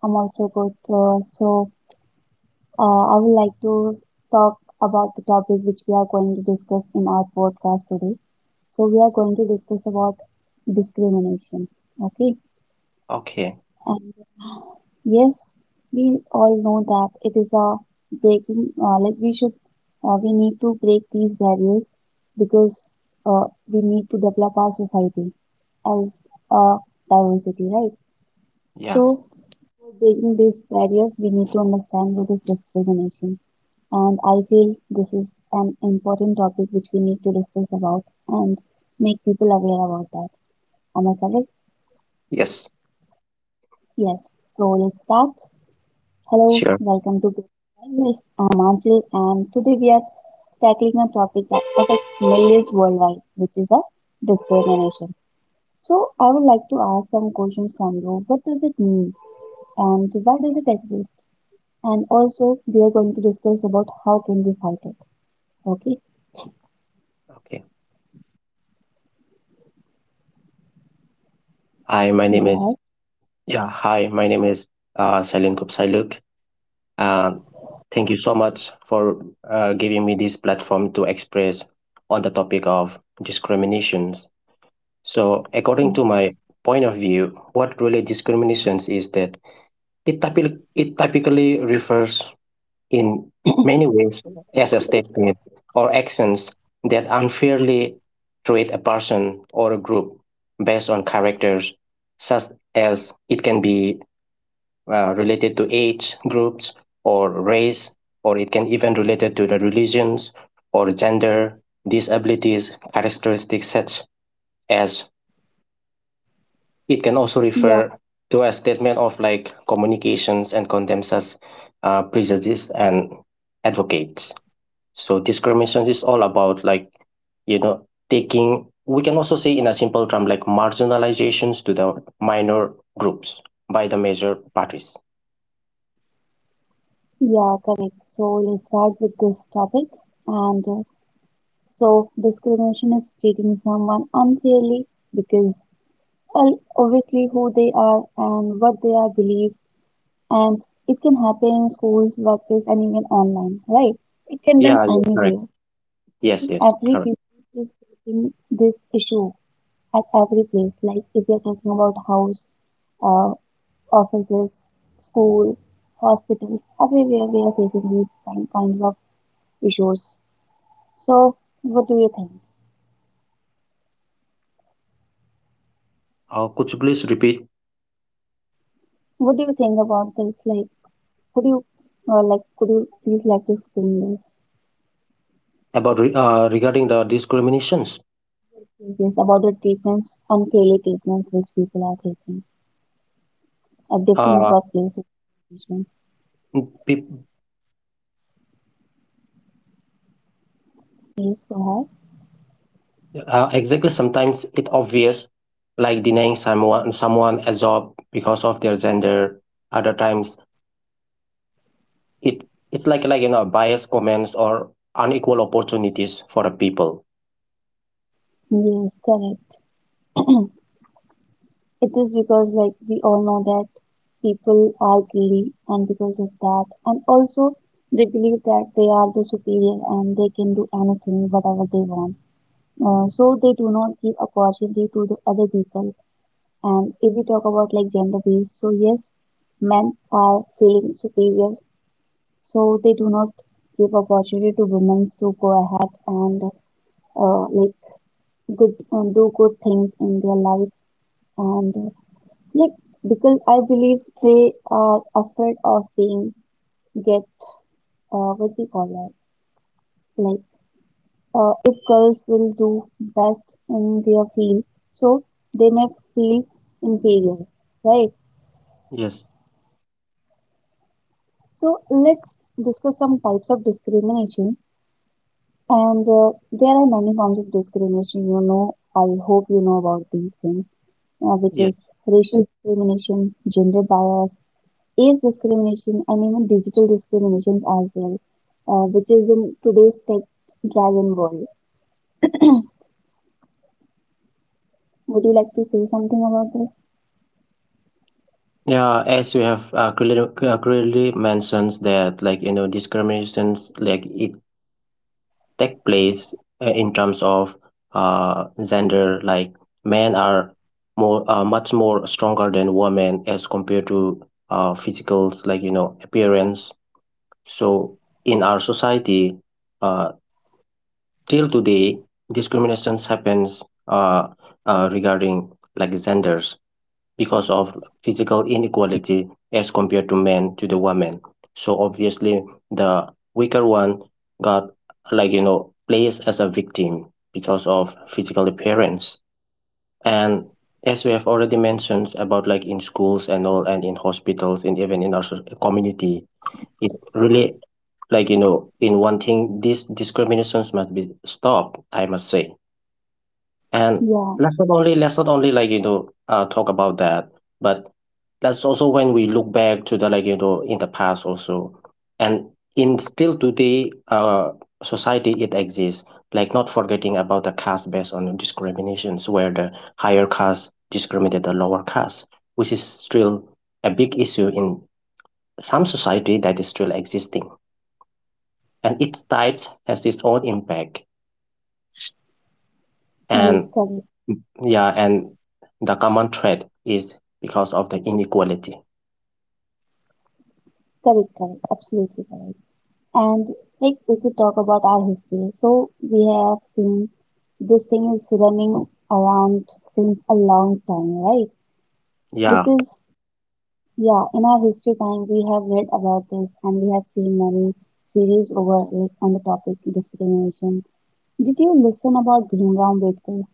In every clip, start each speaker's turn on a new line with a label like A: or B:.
A: I'm also good. I would like to talk about the topic which we are going to discuss in our podcast today. So, we are going to discuss about discrimination. Okay,
B: Okay.
A: and yes, we all know that it is a breaking. Like, we need to break these barriers because uh, we need to develop our society as a diversity, right? So,
B: Yeah.
A: for breaking these barriers, we need to understand what is discrimination. And I feel this is an important topic which we need to discuss about and make people aware about that. Am I correct?
B: Yes.
A: Yes. So let's start. Hello,
B: Sure.
A: welcome to Great Barriers. I'm Anjil, and today we are tackling a topic that affects millions worldwide, which is a discrimination. So I would like to ask some questions from you. What does it mean, and why does it exist? And also we are going to discuss about how can we fight it. Okay,
B: Okay. Hi, my name
A: go ahead.
B: is yeah. Hi, my name is Salim Kupsailuk, and thank you so much for giving me this platform to express on the topic of discriminations. So,
A: Yeah,
B: according to my point of view, what really discriminations is that it typically refers in many ways as a statement or actions that unfairly treat a person or a group based on characters, such as it can be related to age groups or race, or it can even related to the religions or gender, disabilities, characteristics such as it can also
A: yeah,
B: refer to a statement of like communications and condemns us prejudice and advocates. So discrimination is all about like, taking, we can also say in a simple term, like marginalizations to the minor groups by the major parties.
A: yeah, correct. So let's start with this topic. And so discrimination is treating someone unfairly because, well, obviously who they are and what they are believe, and it can happen in schools, workplace, and even online. Right? It can done
B: Yeah, yeah, correct.
A: anywhere.
B: Yes, yes,
A: Every
B: correct.
A: people is facing this issue at every place. Like if you're talking about house. Uh, offices, school, hospitals, everywhere we are facing these kinds of issues. So, what do you think?
B: Could you please repeat
A: What do you think about this? Like, could you, could you please like to explain
B: about regarding the discriminations?
A: this about the treatments, unfairly treatments which people are taking at different
B: Uh,
A: workplaces?
B: pe-
A: Please go ahead.
B: exactly. Sometimes it obvious, like denying someone a job because of their gender. Other times it it's like like biased comments or unequal opportunities for the people.
A: Yes, correct. It is because, like, we all know that people are greedy, and because of that, and also they believe that they are the superior and they can do anything, whatever they want. So they do not give opportunity to the other people. And if we talk about like gender based, so yes, men are feeling superior, so they do not give opportunity to women to go ahead and like good do good things in their lives, and like, because I believe they are afraid of being get what we call that. Like, if girls will do best in their field, so they may feel inferior, right?
B: Yes.
A: So let's discuss some types of discrimination, and there are many forms of discrimination. You know, I hope you know about these things, which is
B: Yes.
A: racial discrimination, gender bias, age discrimination, and even digital discriminations as well, which is in today's tech-driven world. Would you like to say something about this?
B: Yeah, as we have clearly mentions that discriminations like it take place in terms of gender like men are more much more stronger than women as compared to physicals like appearance. So in our society uh till today discriminations happens, uh, regarding like genders because of physical inequality as compared to men to the women. So obviously the weaker one got placed as a victim because of physical appearance. And as we have already mentioned about like in schools and all and in hospitals and even in our community, it really in one thing these discriminations must be stopped, I must say. And
A: Yeah,
B: let's not only talk about that, but that's also when we look back to the in the past also. And in still today society it exists, like not forgetting about the caste based on discriminations where the higher caste discriminate the lower caste, which is still a big issue in some society that is still existing. And each type has its own impact.
A: yes,
B: And
A: correct,
B: yeah, and the common thread is because of the inequality.
A: correct, correct, absolutely correct. And like if we talk about our history, so we have seen this thing is running around since a long time, right?
B: Yeah.
A: Because yeah, in our history time we have read about this, and we have seen many series over it on the topic discrimination. Did you listen about Bhimrao Ambedkar?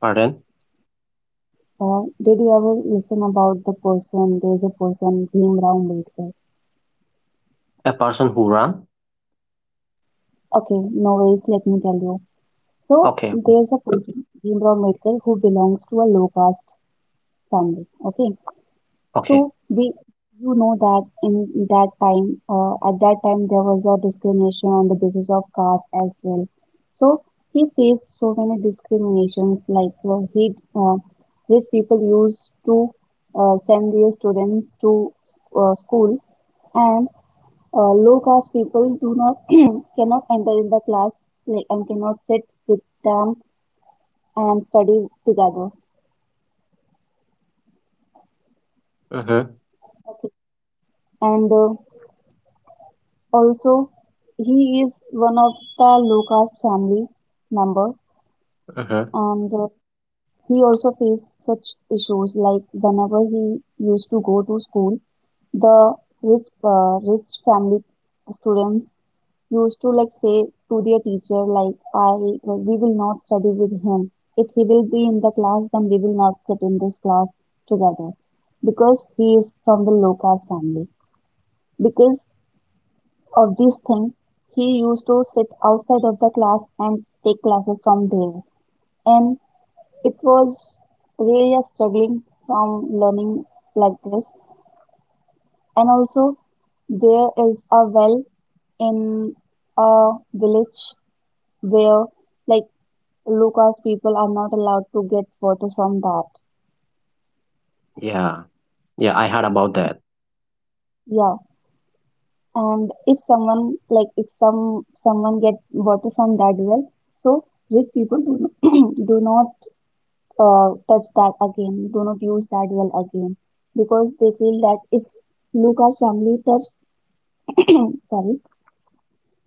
B: Pardon?
A: Or did you ever listen about the person, there's a person, Bhimrao Ambedkar?
B: A person who run.
A: Okay, no worries, let me tell you. So,
B: Okay.
A: there's a person, Bhimrao Ambedkar, who belongs to a low caste family, okay?
B: Okay.
A: So you know that at that time there was a discrimination on the basis of caste as well. So he faced so many discriminations, like rich people used to send their students to school, and low caste people do not cannot enter in the class, like, and cannot sit with them and study together.
B: Mm-hmm,
A: Okay. And also, he is one of the low caste family member,
B: mm-hmm.
A: and he also faced such issues like whenever he used to go to school, the rich family students used to like say to their teacher like I we will not study with him. If he will be in the class, then we will not sit in this class together because he is from the low caste family. Because of these things, he used to sit outside of the class and take classes from there. And it was really a struggling from learning like this. And also, there is a well in a village where, like, Lucas people are not allowed to get water from that.
B: Yeah, yeah, I heard about that.
A: Yeah, and if someone get water from that well, so rich people do not, do not touch that again, do not use that well again, because they feel that if Lucas family touched, sorry,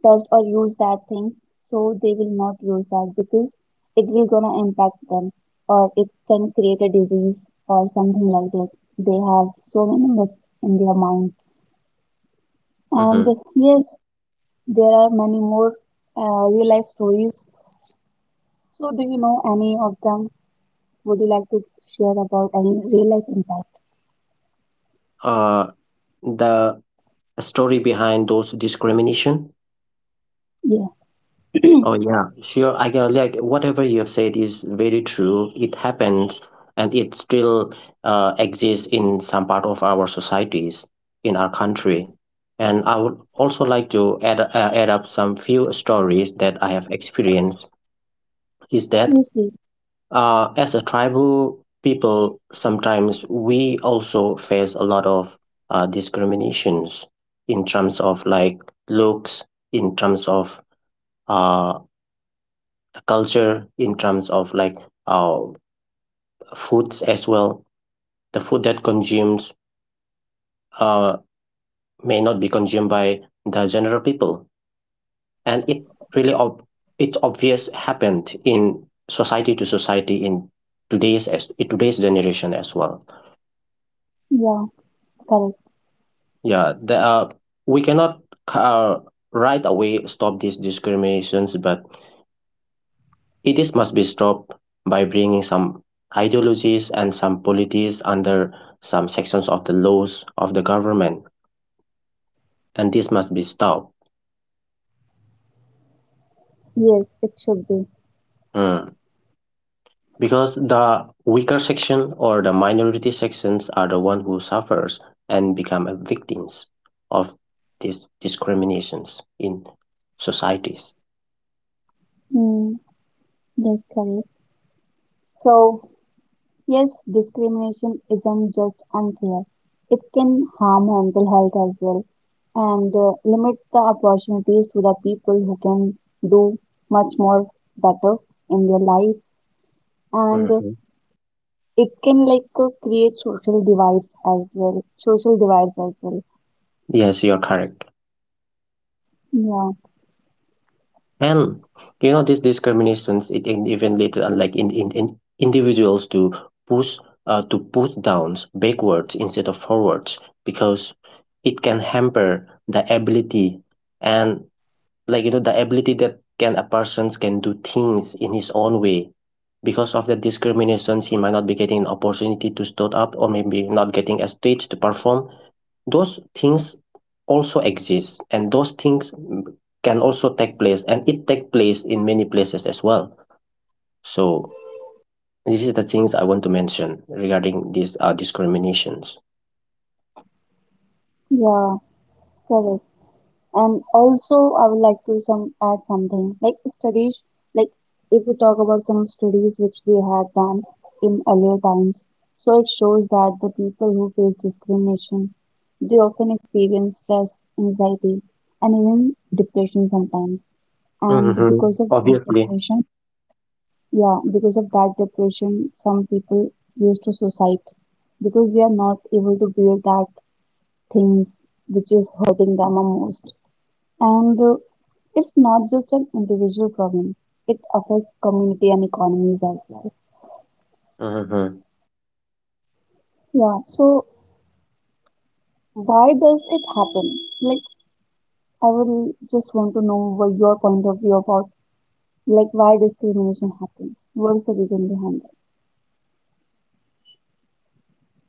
A: touched or used that thing, so they will not use that because it will gonna impact them or it can create a disease or something like that. They have so many myths in their mind, and
B: Mm-hmm.
A: yes, there are many more real life stories. So, do you know any of them? Would you like to share about any real life impact?
B: uh the story behind those discrimination.
A: Yeah,
B: Oh, yeah, sure. I can, like, whatever you have said is very true. It happens, and it still exists in some part of our societies in our country. And I would also like to add, add up some few stories that I have experienced. Is that
A: yes, please.
B: as a tribal people, sometimes we also face a lot of discriminations in terms of like looks, in terms of uh, the culture, in terms of like uh, foods as well. The food that consumes uh, may not be consumed by the general people, and it really it's obvious happened in society to society in today's generation as well.
A: Yeah. Correct.
B: Yeah, the, we cannot uh, right away stop these discriminations, but it is must be stopped by bringing some ideologies and some polities under some sections of the laws of the government, and this must be stopped.
A: Yes, it should be.
B: Mm. Because the weaker section or the minority sections are the one who suffers and become a victims of these discriminations in societies.
A: Mm, yes, correct. So, yes, discrimination isn't just unfair. It can harm mental health as well and limit the opportunities to the people who can do much more better in their lives. And
B: Mhm.
A: it can like create social divides as well, social divides as well.
B: Yes, you're correct.
A: Yeah,
B: And you know these discriminations even later unlike in, individuals push to push downs backwards instead of forwards, because it can hamper the ability and the ability that can a persons can do things in his own way. Because of the discriminations he might not be getting an opportunity to stood up or maybe not getting a stage to perform. Those things also exist, and those things can also take place, and it take place in many places as well. So this is the things I want to mention regarding these discriminations.
A: yeah, correct. And also, I would like to some add something like studies. Like if we talk about some studies which they have done in earlier times, so it shows that the people who face discrimination, they often experience stress, anxiety, and even depression sometimes. And
B: Hmm, obviously.
A: because of that depression, some people used to suicide because they are not able to bear that things which is hurting them the most. And it's not just an individual problem, it affects community and economies as well.
B: Hmm.
A: Yeah, so why does it happen? Like, I would just want to know what your point of view about, like, why discrimination happens. What is the reason behind that?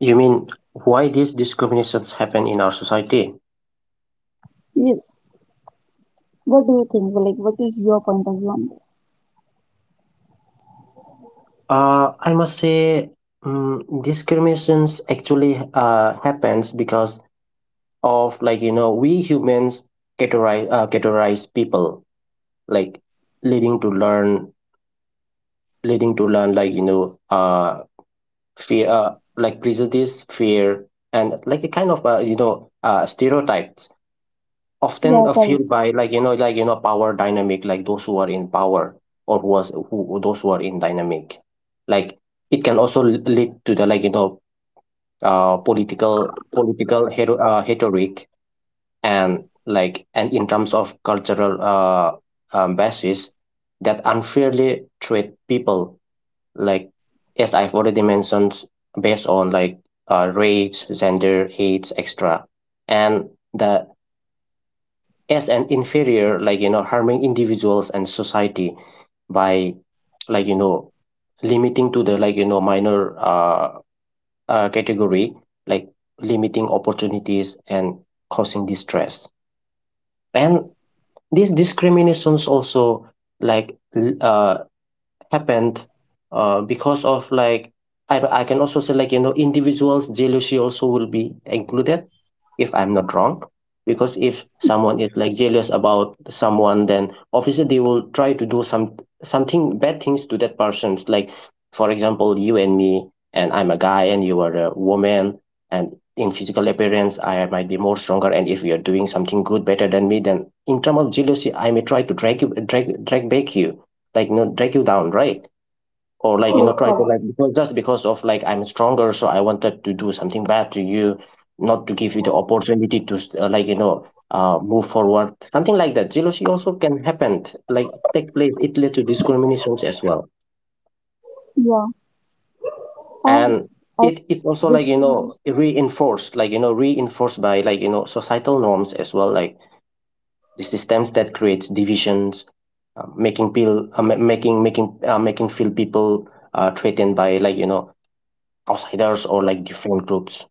B: You mean why these discriminations happen in our society.
A: Yes. What do you think? Well, like, what is your point of view on this?
B: I must say, discriminations actually happens because of we humans categorize people, like leading to learn, leading to learn like you know uh fear, like prejudice fear, and like a kind of stereotypes often
A: Yeah, correct.
B: fueled by power dynamic, like those who are in power or who was who- those who are in dynamic. Like it can also lead to the political hero, rhetoric and like and in terms of cultural, basis that unfairly treat people, like as I've already mentioned, based on like race, gender, age, etc. And the as an inferior, harming individuals and society by like you know limiting to the minor category, like limiting opportunities and causing distress. And these discriminations also like happened because of like, I can also say individuals jealousy also will be included, if I'm not wrong. Because if someone is like jealous about someone, then obviously they will try to do some something bad things to that person's, like, for example, you and me, and I'm a guy and you are a woman, and in physical appearance I might be more stronger, and if you're doing something good better than me, then in terms of jealousy I may try to drag you, drag back you, like you know drag you down, right? Or
A: Yes,
B: try to,
A: correct.
B: like, because just because of like I'm stronger, so I wanted to do something bad to you, not to give you the opportunity to like move forward, something like that. Jealousy also can happen, like take place, it led to discriminations as well.
A: Yeah, and
B: And
A: I
B: it also
A: discrimination.
B: reinforced, reinforced by societal norms as well, like the systems that creates divisions, making feel making feel people threatened by outsiders or like different groups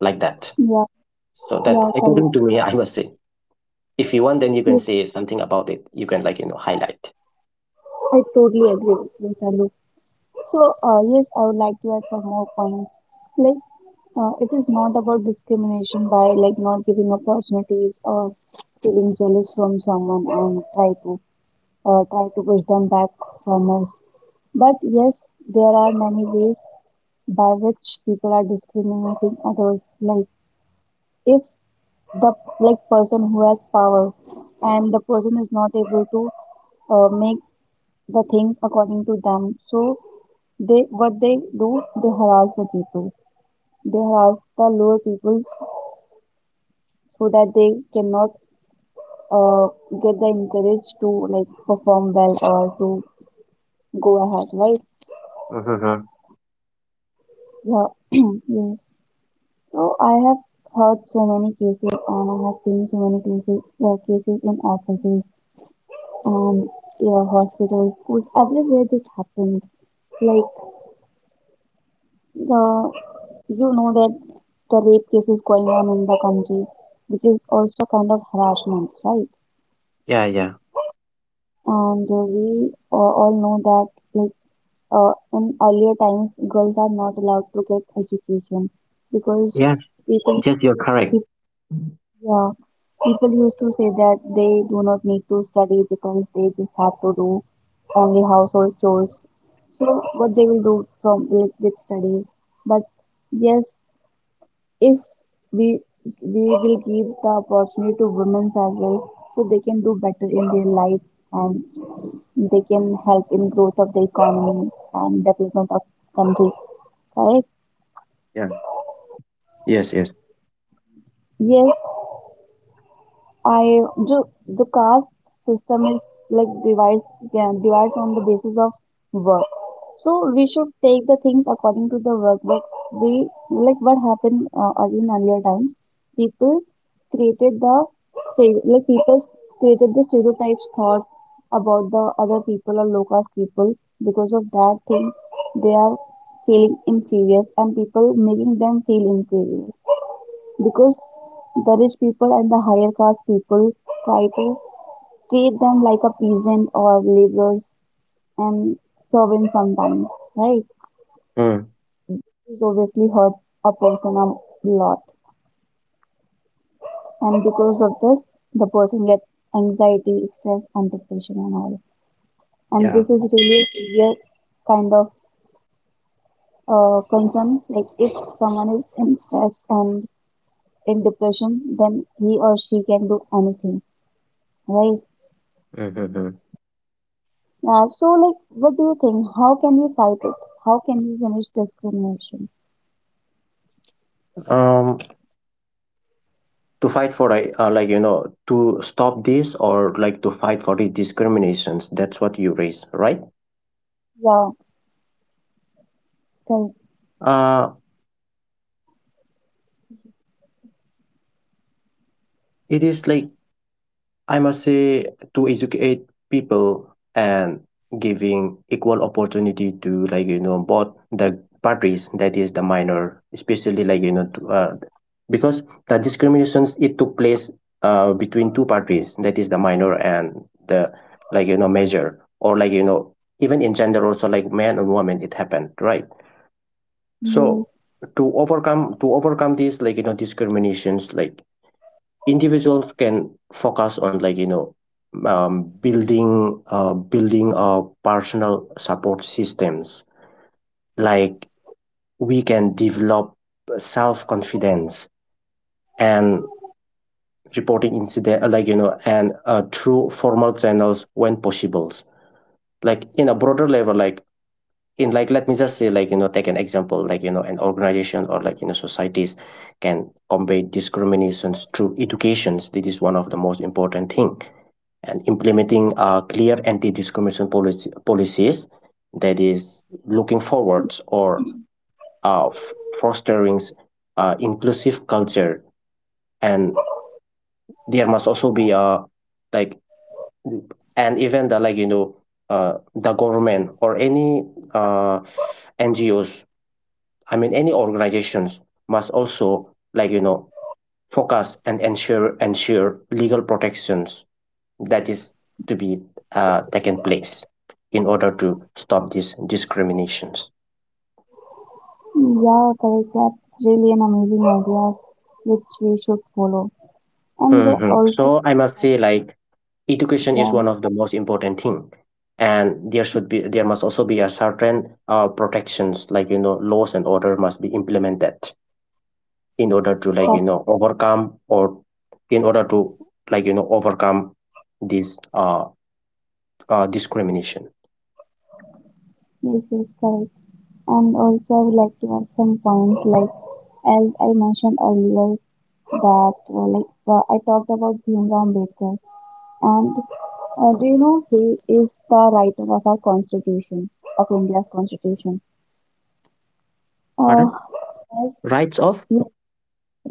B: like that.
A: Yeah,
B: So that's
A: yeah,
B: according
A: correct.
B: to me, I must say. If you want, then you can
A: Yes,
B: say something about it. You can highlight.
A: I totally agree with you, Salu. So, yes, I would like to add some more points. Like, it is not about discrimination by like not giving opportunities or feeling jealous from someone and try to push them back from us. But yes, there are many ways by which people are discriminating others. Like if the like person who has power, and the person is not able to make the things according to them, so they what they do they harass the people. They have the lower people so that they cannot uh, get the encourage to like perform well or to go ahead, right?
B: Mm-hmm.
A: Yeah, yes. So I have heard so many cases and I have seen so many cases, in offices, and yeah, hospitals, schools, everywhere this happened. Like the you know that the rape cases going on in the country, which is also kind of harassment, right?
B: Yeah, yeah.
A: And we all know that like in earlier times girls are not allowed to get education because
B: Yes,
A: people
B: yes, you're correct.
A: peop- yeah people used to say that they do not need to study because they just have to do only household chores, so what they will do from like with studies. But yes, if we we will give the opportunity to women as well, so they can do better in their lives, and they can help in growth of the economy and development of country. Correct?
B: Yeah. Yes, yes.
A: Yes. I the, the caste system is like divides, yeah, divides on the basis of work. So we should take the things according to the work. But we like what happened in earlier times. People created the stere- like people created the stereotypes thoughts about the other people or low caste people. Because of that thing, they are feeling inferior and people making them feel inferior, because the rich people and the higher class people try to treat them like a peasant or laborers and servants sometimes, right?
B: Mm.
A: This obviously hurts a person a lot, and because of this, the person gets anxiety, stress, and depression and all. And this
B: Yeah.
A: is really a severe kind of concern. Like if someone is in stress and in depression, then he or she can do anything, right?
B: Mm-hmm.
A: Yeah, so like, what do you think? How can we fight it? How can we finish discrimination?
B: Um, to fight for like, to stop this or like to fight for these discriminations. That's what you raise, right?
A: Yeah, correct.
B: Uh, it is like, I must say, to educate people and giving equal opportunity to both the parties, that is the minor, especially to, because the discriminations it took place between two parties, that is the minor and the major or even in gender also like man and woman it happened, right?
A: Yes,
B: So to overcome these discriminations, like individuals can focus on building personal support systems, like we can develop self-confidence and reporting incident, and through formal channels when possible. Like in a broader level, like in, like, let me just say, take an example, an organization or societies can combat discriminations through educations. This is one of the most important thing, and implementing clear anti-discrimination policies, that is looking forwards or fostering inclusive culture. And there must also be like, and even the the government or any uh, NGOs, I mean any organizations, must also focus and ensure legal protections, that is to be taken place in order to stop these discriminations.
A: yeah, correct. That's really an amazing idea which we should follow. And
B: Mhm.
A: also,
B: So I must
A: like,
B: say, like, education
A: yeah,
B: is one of the most important thing, and there must also be a certain protections, like you know, laws and order must be implemented in order to
A: correct.
B: overcome or in order to overcome this discrimination.
A: Yes, yes, correct. And also, I would like to add some points, like, as I mentioned earlier, that, like, I talked about Bhimrao Ambedkar. And do you know he is the writer of our constitution, of India's constitution? Uh,
B: Pardon?
A: yes,
B: Rights of,
A: yes,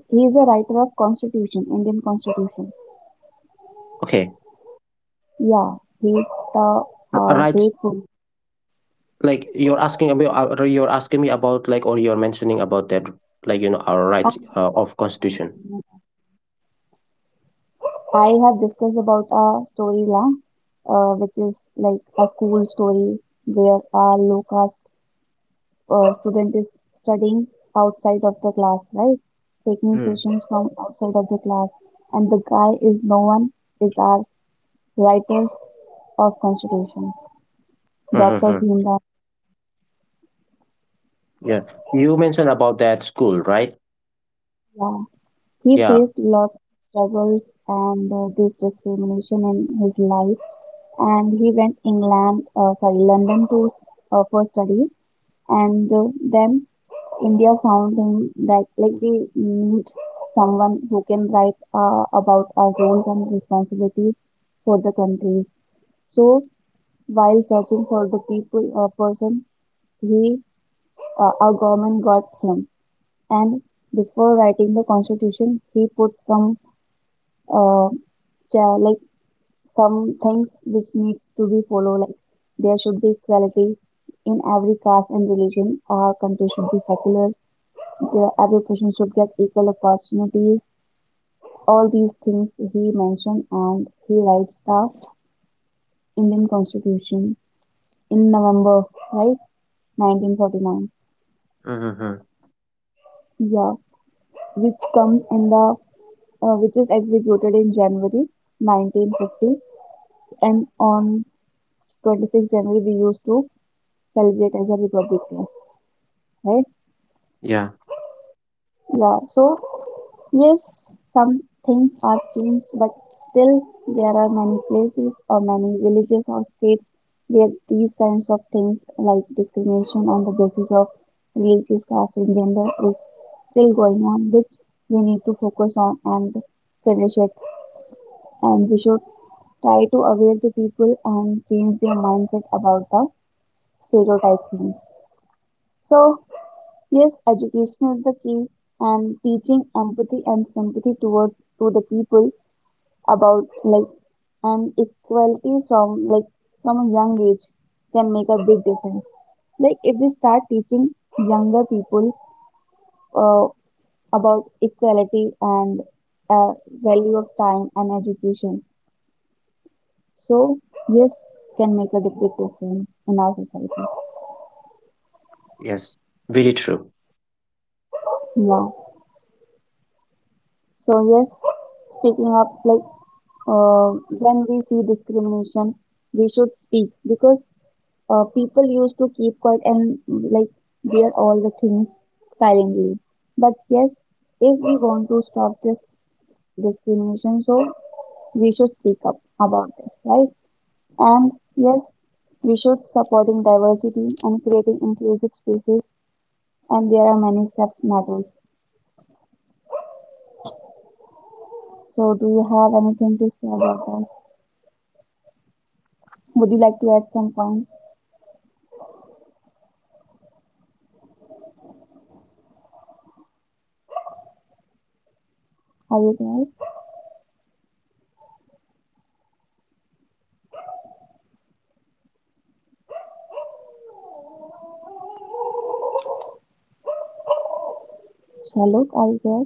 A: he is a writer of Constitution, Indian Constitution.
B: okay.
A: Yeah, he is the
B: Rights,
A: grateful.
B: like you're asking about, you're asking me about like, or you're mentioning about that our rights of constitution.
A: I have discussed about a story which is like a school story where a low caste student is studying outside of the class, right? Taking
B: Mm.
A: sessions from outside of the class, and the guy is no one is our writer of Constitution, Dr.
B: Mm-hmm.
A: Bhimrao.
B: Yeah, you mentioned about that school, right?
A: Yeah, he
B: Yeah.
A: faced lots of struggles and this discrimination in his life, and he went England, sorry, London to for studies, and then India found him that like we need someone who can write about our roles and responsibilities for the country. So while searching for the people person, he our government got him, and before writing the constitution, he put uh, like some things which needs to be followed, like there should be equality in every caste and religion. Our country should be secular. Every person should get equal opportunities. All these things he mentioned, and he writes the Indian Constitution in November, right, 1949,
B: Mm-hmm.
A: yeah, which comes, in the which is executed in January 1950, and on 26 January we used to celebrate as a Republic Day, right?
B: Yeah.
A: Yeah, so yes, some things are changed, but still there are many places or many villages or states where these kinds of things like discrimination on the basis of religious caste and gender is still going on, which we need to focus on and finish it. And we should try to aware the people and change their mindset about the stereotype things. So yes, education is the key, and teaching empathy and sympathy towards to the people about like and equality from a young age can make a big difference. Like if we start teaching younger people uh, about equality and uh, value of time and education, so yes, can make a big difference in our society.
B: Yes, very true.
A: Yeah. So yes, speaking up like when we see discrimination, we should speak because people used to keep quiet and like bear all the things silently. But yes, if we want to stop this discrimination, so we should speak up about this, right? And yes, we should supporting diversity and creating inclusive spaces, and there are many steps matters. So, do you have anything to say about that? Would you like to add some points? Are you there? Shaluk, are you there?